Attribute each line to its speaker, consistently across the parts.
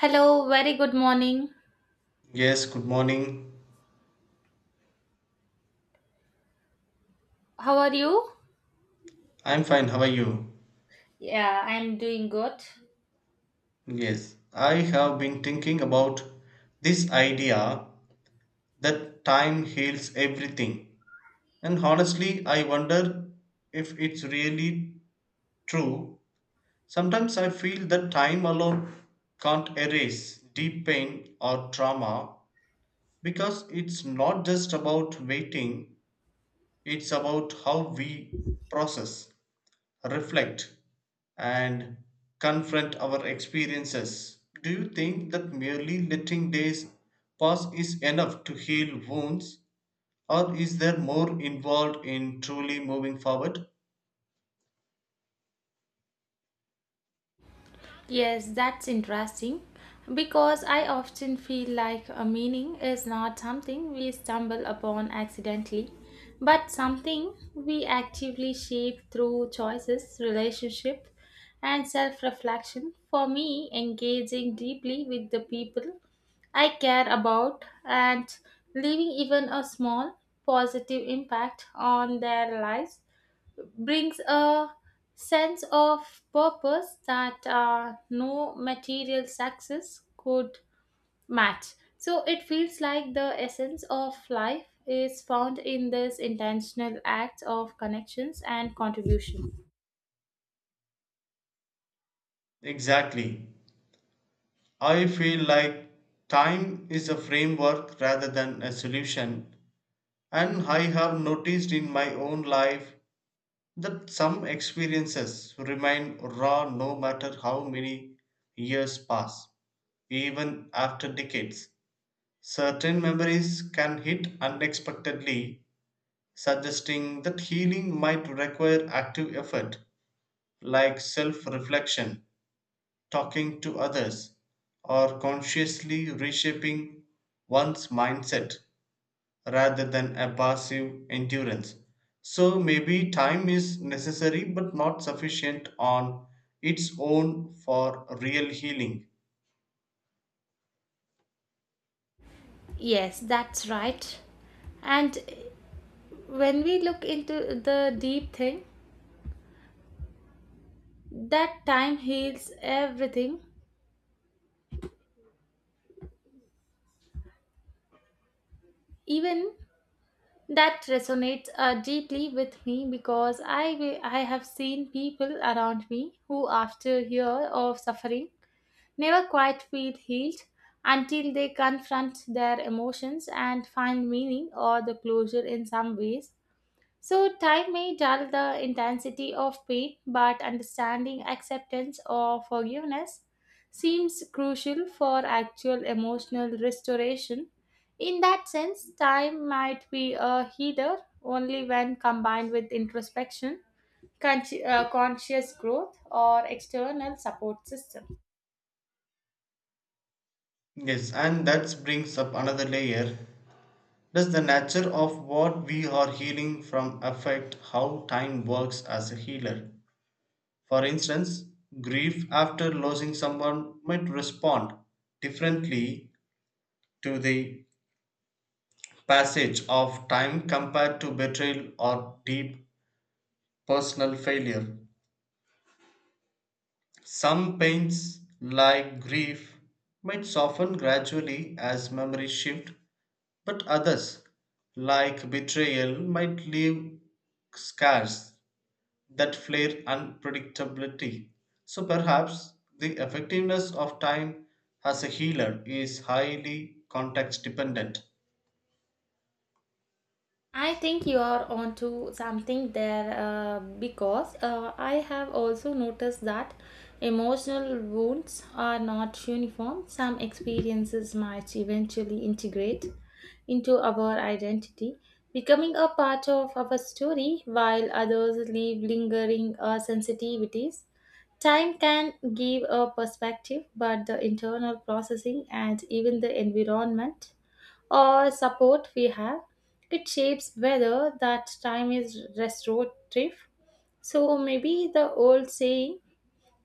Speaker 1: Hello, very good morning.
Speaker 2: Yes, good morning.
Speaker 1: How are you?
Speaker 2: I'm fine. How are you?
Speaker 1: Yeah, I'm doing good.
Speaker 2: Yes, I have been thinking about this idea that time heals everything. And honestly, I wonder if it's really true. Sometimes I feel that time alone can't erase deep pain or trauma because it's not just about waiting, it's about how we process, reflect, and confront our experiences. Do you think that merely letting days pass is enough to heal wounds, or is there more involved in truly moving forward?
Speaker 1: Yes, that's interesting because I often feel like a meaning is not something we stumble upon accidentally, but something we actively shape through choices, relationship, and self-reflection. For me, engaging deeply with the people I care about and leaving even a small positive impact on their lives brings a sense of purpose that no material success could match. So it feels like the essence of life is found in this intentional acts of connections and contribution.
Speaker 2: Exactly. I feel like time is a framework rather than a solution, and I have noticed in my own life that some experiences remain raw no matter how many years pass. Even after decades, certain memories can hit unexpectedly, suggesting that healing might require active effort, like self reflection, talking to others, or consciously reshaping one's mindset rather than a passive endurance. So maybe time is necessary but not sufficient on its own for real healing.
Speaker 1: Yes, that's right. And when we look into the deep thing, that time heals everything, even that resonates deeply with me because I have seen people around me who, after years of suffering, never quite feel healed until they confront their emotions and find meaning or the closure in some ways. So, time may dull the intensity of pain, but understanding acceptance or forgiveness seems crucial for actual emotional restoration. In that sense, time might be a healer only when combined with introspection, conscious growth, or external support system.
Speaker 2: Yes, and that brings up another layer. Does the nature of what we are healing from affect how time works as a healer? For instance, grief after losing someone might respond differently to the passage of time compared to betrayal or deep personal failure. Some pains, like grief, might soften gradually as memories shift, but others, like betrayal, might leave scars that flare unpredictability. So perhaps the effectiveness of time as a healer is highly context dependent.
Speaker 1: I think you are onto something there because I have also noticed that emotional wounds are not uniform. Some experiences might eventually integrate into our identity, becoming a part of our story, while others leave lingering sensitivities. Time can give a perspective, but the internal processing and even the environment or support we have, it shapes whether that time is restorative. So maybe the old saying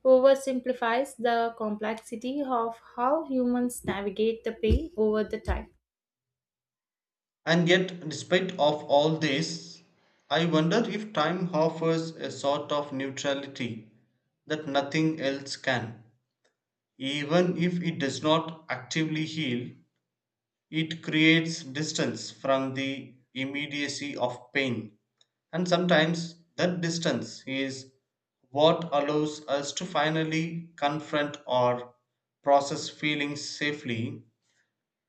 Speaker 1: oversimplifies the complexity of how humans navigate the pain over the time.
Speaker 2: And yet, despite of all this, I wonder if time offers a sort of neutrality that nothing else can. Even if it does not actively heal, it creates distance from the immediacy of pain. And sometimes that distance is what allows us to finally confront or process feelings safely.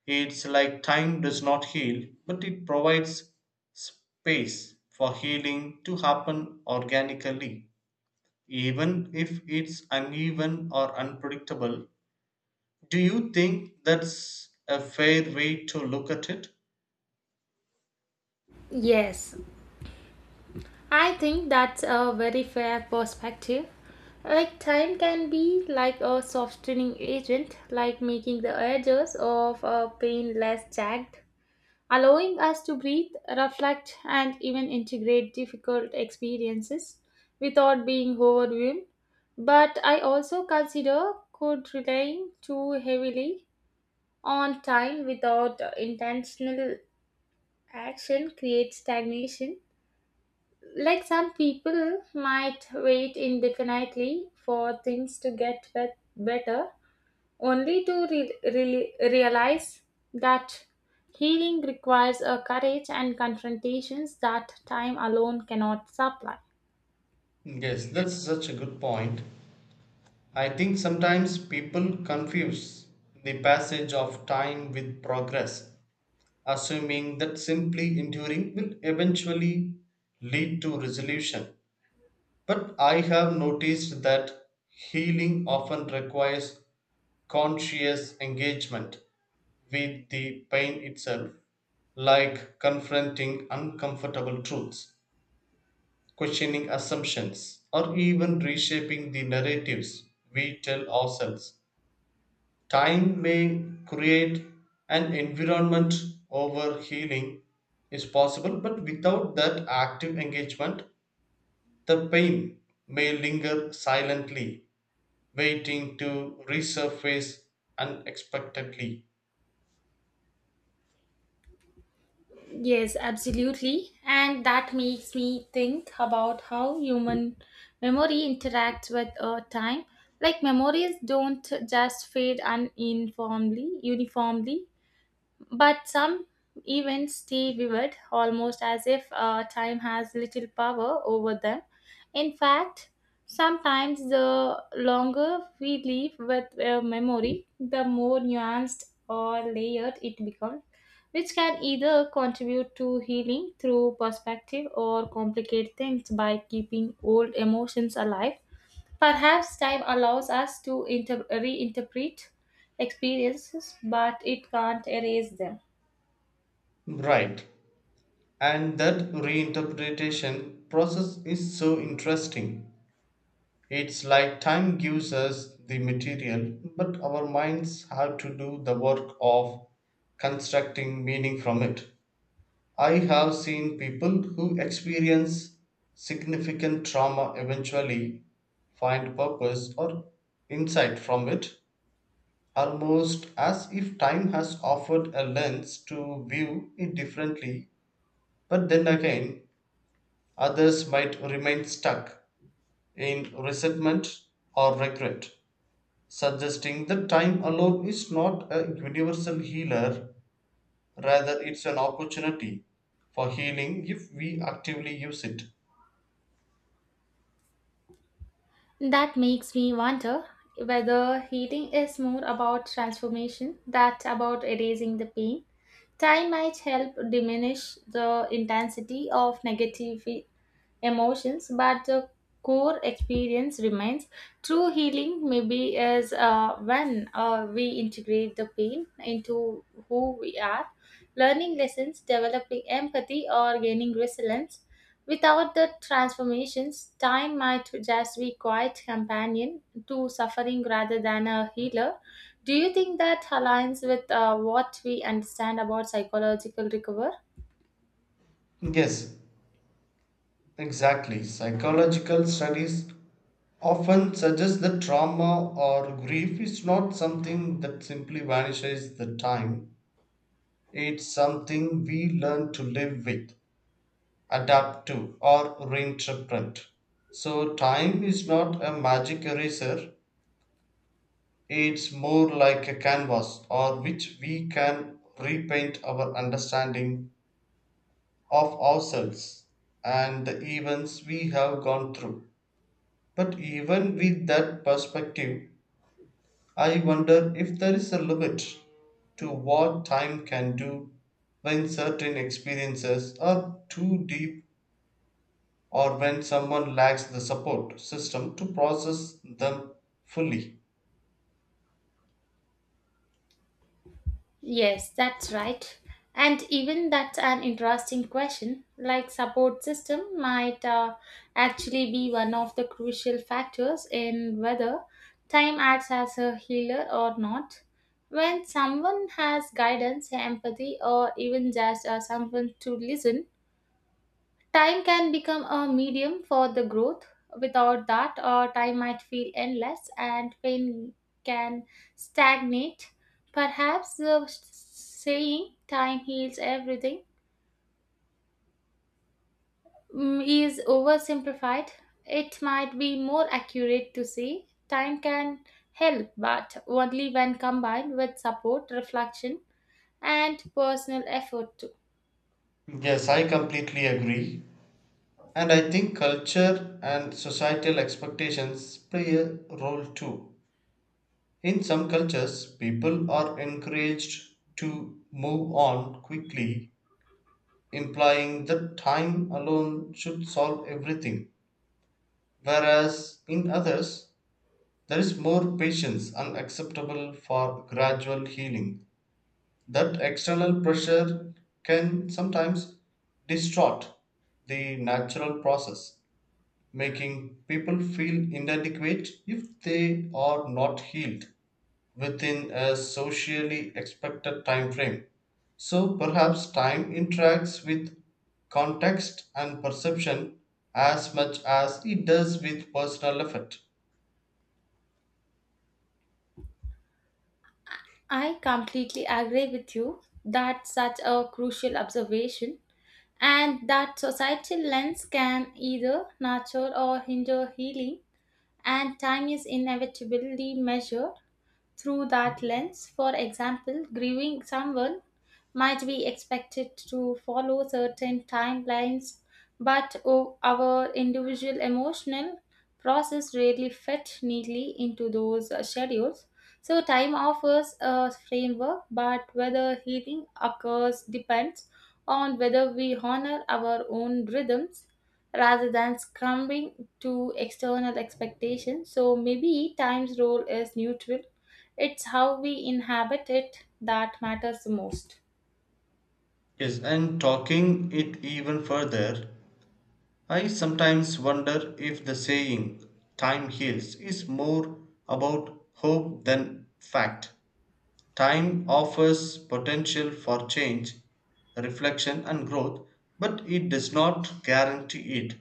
Speaker 2: It's like time does not heal, but it provides space for healing to happen organically, even if it's uneven or unpredictable. Do you think that's a fair way to look at it?
Speaker 1: Yes, I think that's a very fair perspective. Like time can be like a softening agent, like making the edges of a pain less jagged allowing us to breathe, reflect, and even integrate difficult experiences without being overwhelmed. But I also consider could relying too heavily on time without intentional action creates stagnation. Like some people might wait indefinitely for things to get better only to re- re realize that healing requires a courage and confrontations that time alone cannot supply.
Speaker 2: Yes, that's such a good point. I think sometimes people confuse the passage of time with progress, assuming that simply enduring will eventually lead to resolution. But I have noticed that healing often requires conscious engagement with the pain itself, like confronting uncomfortable truths, questioning assumptions, or even reshaping the narratives we tell ourselves. Time may create an environment over healing is possible, but without that active engagement, the pain may linger silently waiting to resurface unexpectedly.
Speaker 1: Yes, absolutely. And that makes me think about how human memory interacts with time. Like memories don't just fade uniformly. But some events stay vivid, almost as if time has little power over them. In fact, sometimes the longer we live with a memory, the more nuanced or layered it becomes which can either contribute to healing through perspective or complicate things by keeping old emotions alive. Perhaps time allows us to reinterpret experiences, but it can't erase them.
Speaker 2: Right. And that reinterpretation process is so interesting. It's like time gives us the material, but our minds have to do the work of constructing meaning from it. I have seen people who experience significant trauma eventually find purpose or insight from it, almost as if time has offered a lens to view it differently. But then again, others might remain stuck in resentment or regret, suggesting that time alone is not a universal healer, rather, it's an opportunity for healing if we actively use it.
Speaker 1: That makes me wonder whether healing is more about transformation than about erasing the pain. Time might help diminish the intensity of negative emotions, but the core experience remains. True healing, maybe, is when we integrate the pain into who we are, learning lessons, developing empathy, or gaining resilience. Without the transformations, time might just be quiet companion to suffering rather than a healer. Do you think that aligns with what we understand about psychological recovery?
Speaker 2: Yes, exactly. Psychological studies often suggests that trauma or grief is not something that simply vanishes the time. It's something we learn to live with, adapt to, or reinterpret. So time is not a magic eraser. It's more like a canvas or which we can repaint our understanding of ourselves and the events we have gone through. But even with that perspective, I wonder if there is a limit to what time can do when certain experiences are too deep or when someone lacks the support system to process them fully.
Speaker 1: Yes, that's right. And even that's an interesting question. Like support system might actually be one of the crucial factors in whether time acts as a healer or not. When someone has guidance, empathy, or even just someone to listen, time can become a medium for the growth. Without that, time might feel endless and pain can stagnate. Perhaps the saying time heals everything is oversimplified. It might be more accurate to say time can help, but only when combined with support, reflection, and personal effort too.
Speaker 2: Yes, I completely agree. And I think culture and societal expectations play a role too. In some cultures, people are encouraged to move on quickly, implying that time alone should solve everything, whereas in others there is more patience unacceptable for gradual healing. That external pressure can sometimes distort the natural process, making people feel inadequate if they are not healed within a socially expected time frame. So perhaps time interacts with context and perception as much as it does with personal effort.
Speaker 1: I completely agree with you. That such a crucial observation and that societal lens can either nurture or hinder healing, and time is inevitably measured through that lens. For example, grieving someone might be expected to follow certain timelines, but our individual emotional process rarely fit neatly into those schedules. So, time offers a framework, but whether healing occurs depends on whether we honor our own rhythms rather than succumbing to external expectations. So, maybe time's role is neutral, it's how we inhabit it that matters the most.
Speaker 2: Yes, and talking it even further, I sometimes wonder if the saying, time heals, is more about hope than fact. Time offers potential for change, reflection, and growth, but it does not guarantee it.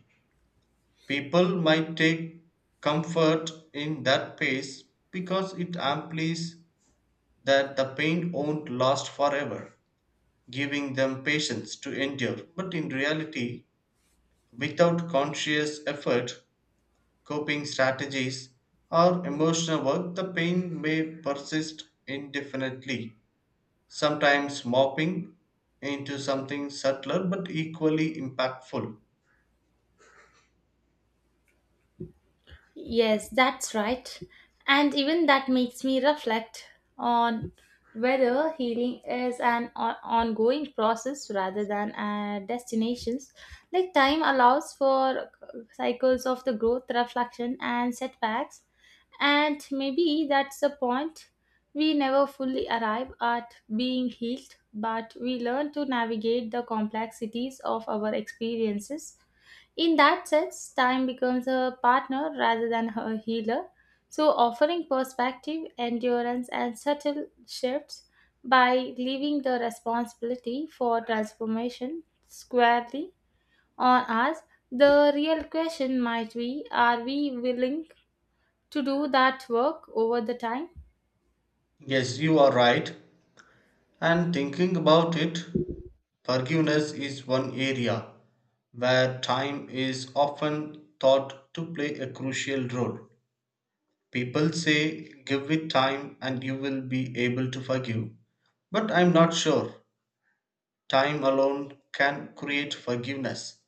Speaker 2: People might take comfort in that pace because it implies that the pain won't last forever, giving them patience to endure. But in reality, without conscious effort, coping strategies, or emotional work, the pain may persist indefinitely, sometimes mopping into something subtler but equally impactful.
Speaker 1: Yes, that's right. And even that makes me reflect on whether healing is an ongoing process rather than a destination. Like time allows for cycles of the growth, reflection, and setbacks. And maybe that's the point. We never fully arrive at being healed, but we learn to navigate the complexities of our experiences in that sense, time becomes a partner rather than a healer, so offering perspective, endurance, and subtle shifts by leaving the responsibility for transformation squarely on us. The real question might be are we willing to do that work over the time?
Speaker 2: Yes, you are right. And thinking about it, forgiveness is one area where time is often thought to play a crucial role. People say, give it time and you will be able to forgive. But I'm not sure time alone can create forgiveness.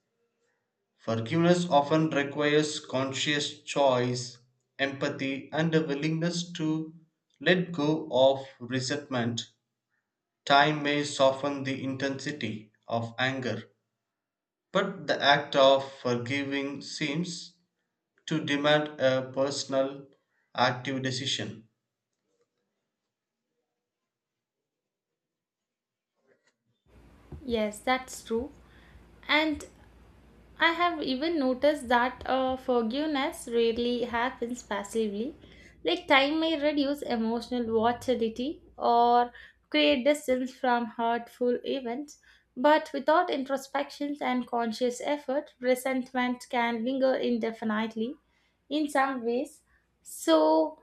Speaker 2: Forgiveness often requires conscious choice, empathy, and a willingness to let go of resentment. Time may soften the intensity of anger, but the act of forgiving seems to demand a personal, active decision.
Speaker 1: Yes, that's true. And I have even noticed that forgiveness rarely happens passively. Like time may reduce emotional volatility or create distance from hurtful events, but without introspections and conscious effort, resentment can linger indefinitely in some ways. So,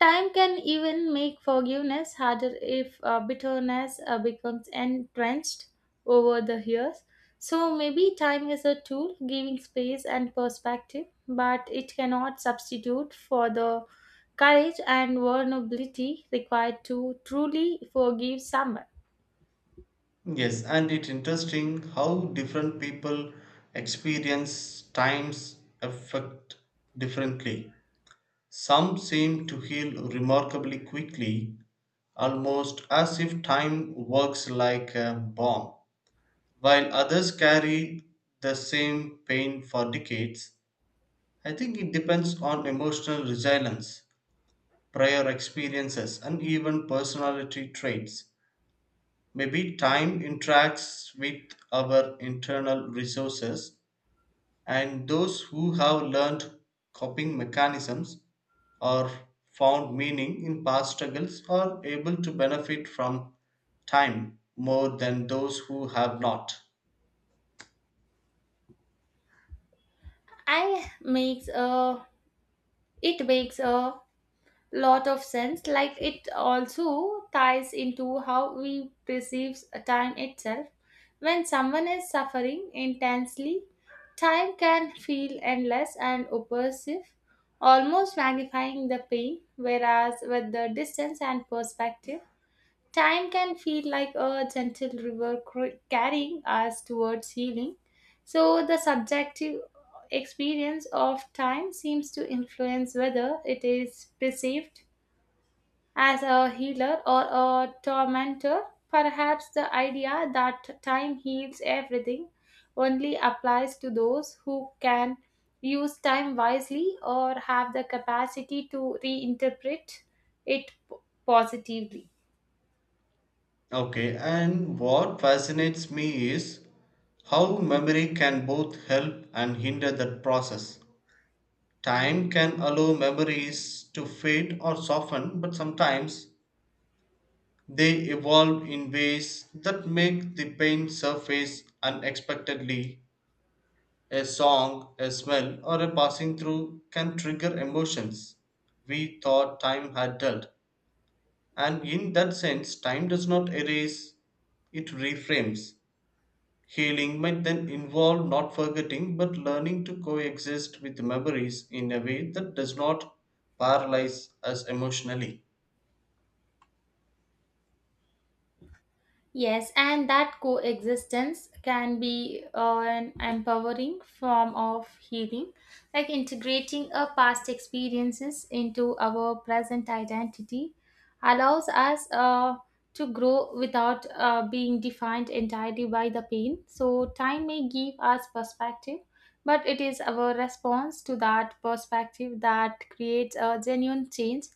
Speaker 1: time can even make forgiveness harder if bitterness becomes entrenched over the years. So maybe time is a tool giving space and perspective, but it cannot substitute for the courage and vulnerability required to truly forgive someone.
Speaker 2: Yes, and it's interesting how different people experience time's effect differently. Some seem to heal remarkably quickly, almost as if time works like a bomb, while others carry the same pain for decades. I think it depends on emotional resilience, prior experiences, and even personality traits. Maybe time interacts with our internal resources and those who have learned coping mechanisms or found meaning in past struggles are able to benefit from time more than those who have not.
Speaker 1: I makes a It makes a lot of sense like it also ties into how we perceive time itself when someone is suffering intensely time can feel endless and oppressive almost magnifying the pain whereas with the distance and perspective time can feel like a gentle river carrying us towards healing so the subjective experience of time seems to influence whether it is perceived as a healer or a tormentor, perhaps the idea that time heals everything only applies to those who can use time wisely or have the capacity to reinterpret it positively.
Speaker 2: Okay, and what fascinates me is how memory can both help and hinder that process. Time can allow memories to fade or soften, but sometimes they evolve in ways that make the pain surface unexpectedly. A song, a smell, or a passing through can trigger emotions we thought time had dealt. And in that sense, time does not erase, it reframes. Healing might then involve not forgetting but learning to coexist with memories in a way that does not paralyze us emotionally.
Speaker 1: Yes, and that coexistence can be an empowering form of healing, like integrating our past experiences into our present identity allows us to grow without being defined entirely by the pain. So, time may give us perspective, but it is our response to that perspective that creates a genuine change.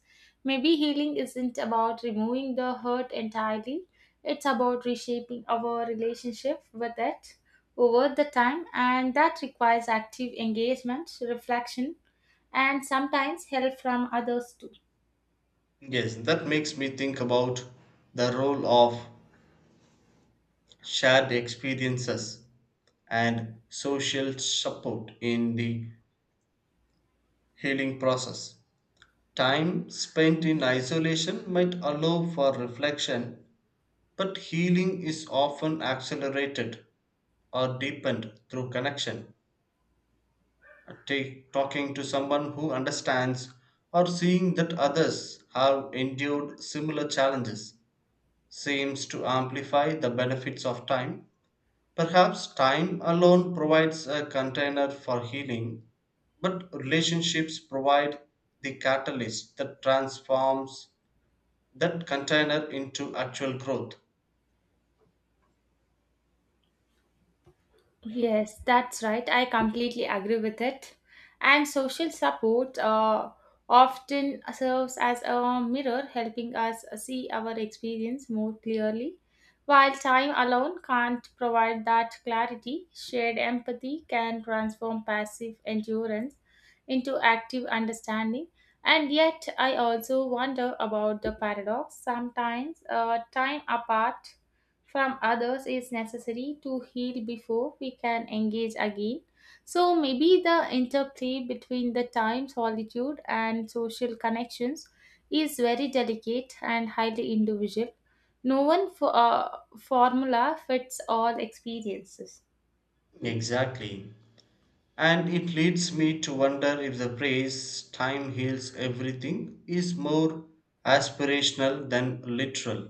Speaker 1: Maybe healing isn't about removing the hurt entirely it's about reshaping our relationship with it over the time, and that requires active engagement, reflection, and sometimes help from others too.
Speaker 2: Yes, that makes me think about the role of shared experiences and social support in the healing process. Time spent in isolation might allow for reflection, but healing is often accelerated or deepened through connection. Take talking to someone who understands or seeing that others have endured similar challenges seems to amplify the benefits of time. Perhaps time alone provides a container for healing, but relationships provide the catalyst that transforms that container into actual growth.
Speaker 1: Yes, that's right. I completely agree with it. And social support often serves as a mirror, helping us see our experience more clearly. While time alone can't provide that clarity, shared empathy can transform passive endurance into active understanding. And yet, I also wonder about the paradox. Sometimes, time apart from others is necessary to heal before we can engage again. So, maybe the interplay between the time, solitude, and social connections is very delicate and highly individual. No one formula fits all experiences.
Speaker 2: Exactly. And it leads me to wonder if the phrase time heals everything is more aspirational than literal.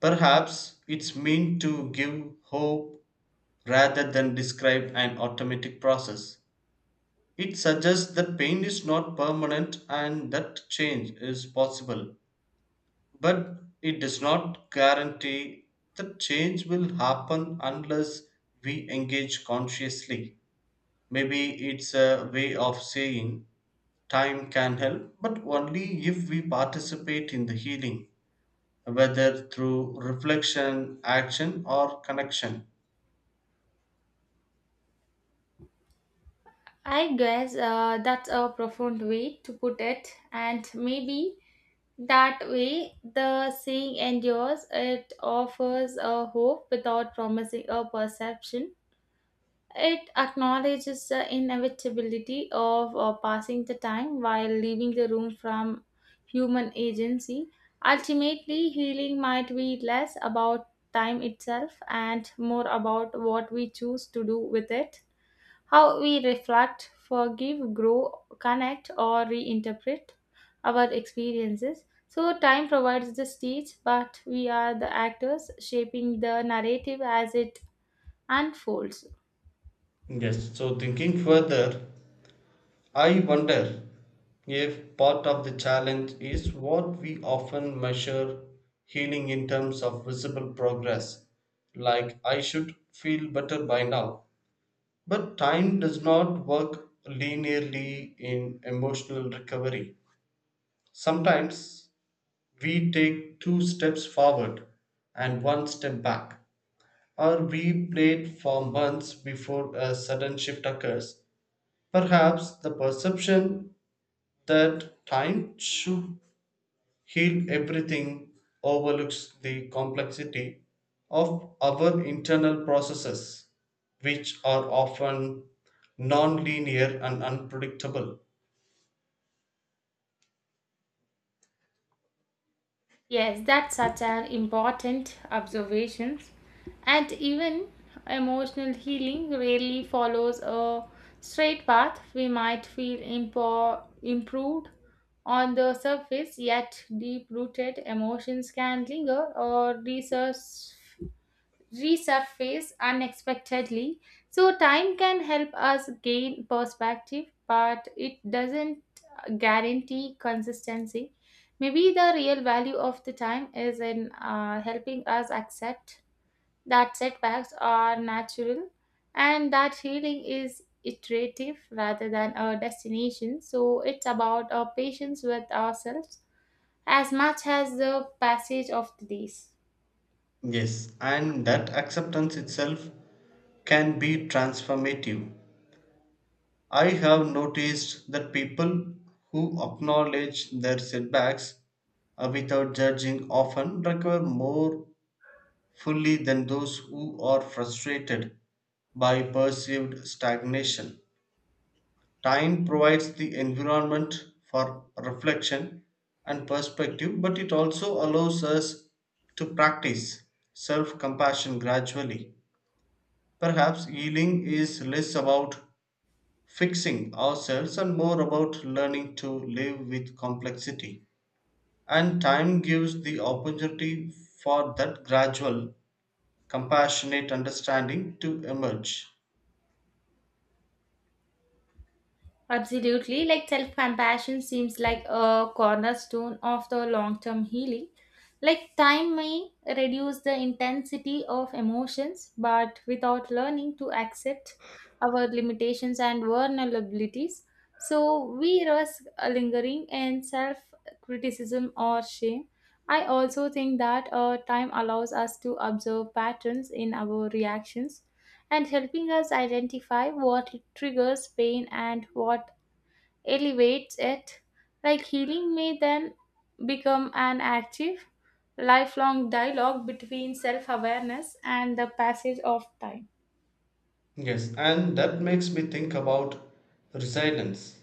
Speaker 2: Perhaps it's meant to give hope rather than describe an automatic process. It suggests that pain is not permanent and that change is possible, but it does not guarantee that change will happen unless we engage consciously. Maybe it's a way of saying time can help, but only if we participate in the healing, whether through reflection, action, or connection.
Speaker 1: I guess that's a profound way to put it, and maybe that way, the saying endures. It offers a hope without promising a perception. It acknowledges the inevitability of passing the time while leaving the room from human agency. Ultimately, healing might be less about time itself and more about what we choose to do with it, how we reflect, forgive, grow, connect, or reinterpret our experiences. So, time provides the stage, but we are the actors shaping the narrative as it unfolds.
Speaker 2: Yes, so thinking further, I wonder if part of the challenge is what we often measure healing in terms of visible progress, like I should feel better by now. But time does not work linearly in emotional recovery. Sometimes we take 2 steps forward and 1 step back, or we played for months before a sudden shift occurs. Perhaps the perception that time should heal everything, overlooks the complexity of our internal processes, which are often non-linear and unpredictable.
Speaker 1: Yes, that's such an important observation. And even emotional healing rarely follows a straight path. We might feel improved on the surface, yet deep rooted emotions can linger or resurface unexpectedly. So, time can help us gain perspective, but it doesn't guarantee consistency. Maybe the real value of the time is in helping us accept that setbacks are natural and that healing is iterative rather than a destination. So, it's about our patience with ourselves as much as the passage of the days.
Speaker 2: Yes, and that acceptance itself can be transformative. I have noticed that people who acknowledge their setbacks without judging often recover more fully than those who are frustrated by perceived stagnation. Time provides the environment for reflection and perspective, but it also allows us to practice self compassion gradually. Perhaps healing is less about fixing ourselves and more about learning to live with complexity. And time gives the opportunity for that gradual, compassionate understanding to emerge.
Speaker 1: Absolutely. Like self compassion seems like a cornerstone of the long term healing. Like time may reduce the intensity of emotions, but without learning to accept our limitations and vulnerabilities, so we risk lingering in self criticism or shame. I also think that time allows us to observe patterns in our reactions and helping us identify what triggers pain and what elevates it. Like healing may then become an active, lifelong dialogue between self awareness and the passage of time.
Speaker 2: Yes, and that makes me think about resilience,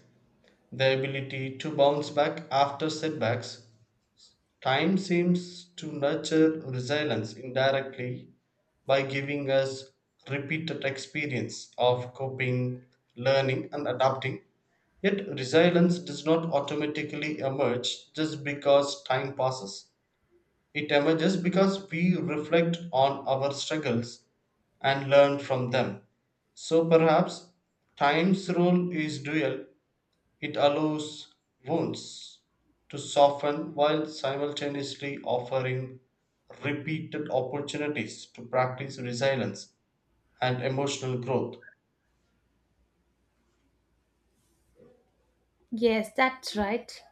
Speaker 2: the ability to bounce back after setbacks. Time seems to nurture resilience indirectly by giving us repeated experience of coping, learning, and adapting. Yet, resilience does not automatically emerge just because time passes. It emerges because we reflect on our struggles and learn from them. So perhaps time's role is dual, it allows wounds to soften while simultaneously offering repeated opportunities to practice resilience and emotional growth.
Speaker 1: Yes, that's right.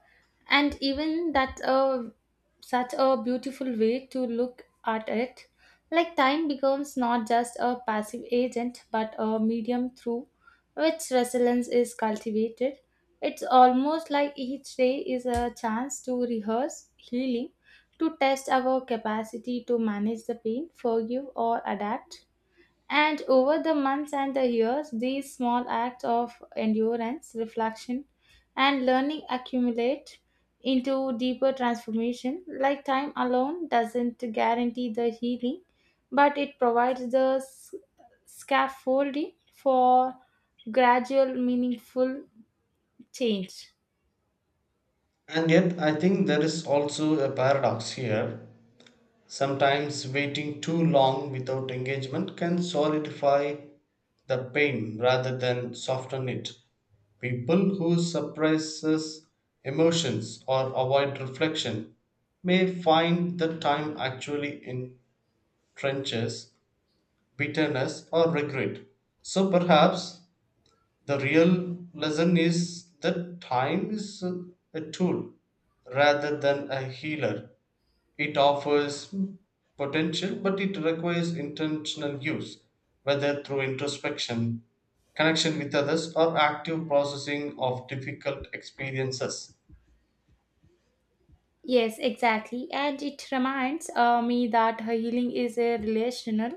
Speaker 1: And even that's a such a beautiful way to look at it. Like time becomes not just a passive agent but a medium through which resilience is cultivated. It's almost like each day is a chance to rehearse healing, to test our capacity to manage the pain, forgive or adapt and over the months and the years, these small acts of endurance, reflection, and learning accumulate into deeper transformation. Like time alone doesn't guarantee the healing, but it provides the scaffolding for gradual, meaningful change.
Speaker 2: And yet, I think there is also a paradox here. Sometimes waiting too long without engagement can solidify the pain rather than soften it. People who suppresses emotions or avoid reflection may find that time actually entrenches bitterness or regret. So perhaps the real lesson is that time is a tool rather than a healer. It offers potential, but it requires intentional use, whether through introspection, connection with others, or active processing of difficult experiences.
Speaker 1: Yes, exactly. And it reminds me that healing is a relational.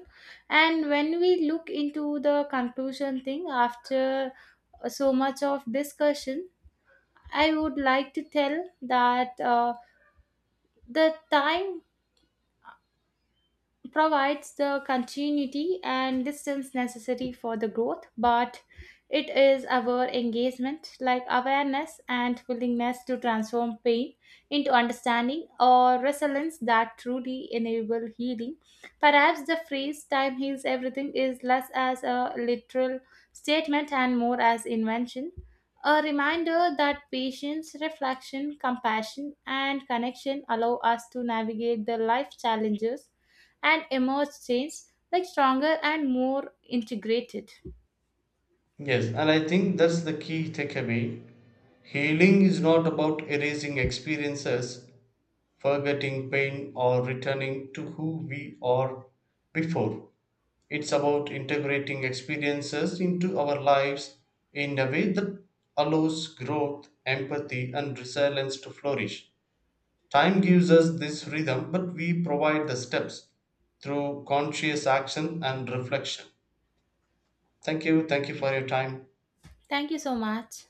Speaker 1: And when we look into the conclusion thing after so much of discussion, I would like to tell that the time provides the continuity and distance necessary for the growth, but it is our engagement, like awareness and willingness to transform pain into understanding or resilience, that truly enable healing. Perhaps the phrase time heals everything is less as a literal statement and more as invention. A reminder that patience, reflection, compassion, and connection allow us to navigate the life challenges and emerge, since, like stronger and more integrated.
Speaker 2: Yes, and I think that's the key takeaway. Healing is not about erasing experiences, forgetting pain, or returning to who we are before. It's about integrating experiences into our lives in a way that allows growth, empathy, and resilience to flourish. Time gives us this rhythm, but we provide the steps through conscious action and reflection. Thank you. Thank you for your time.
Speaker 1: Thank you so much.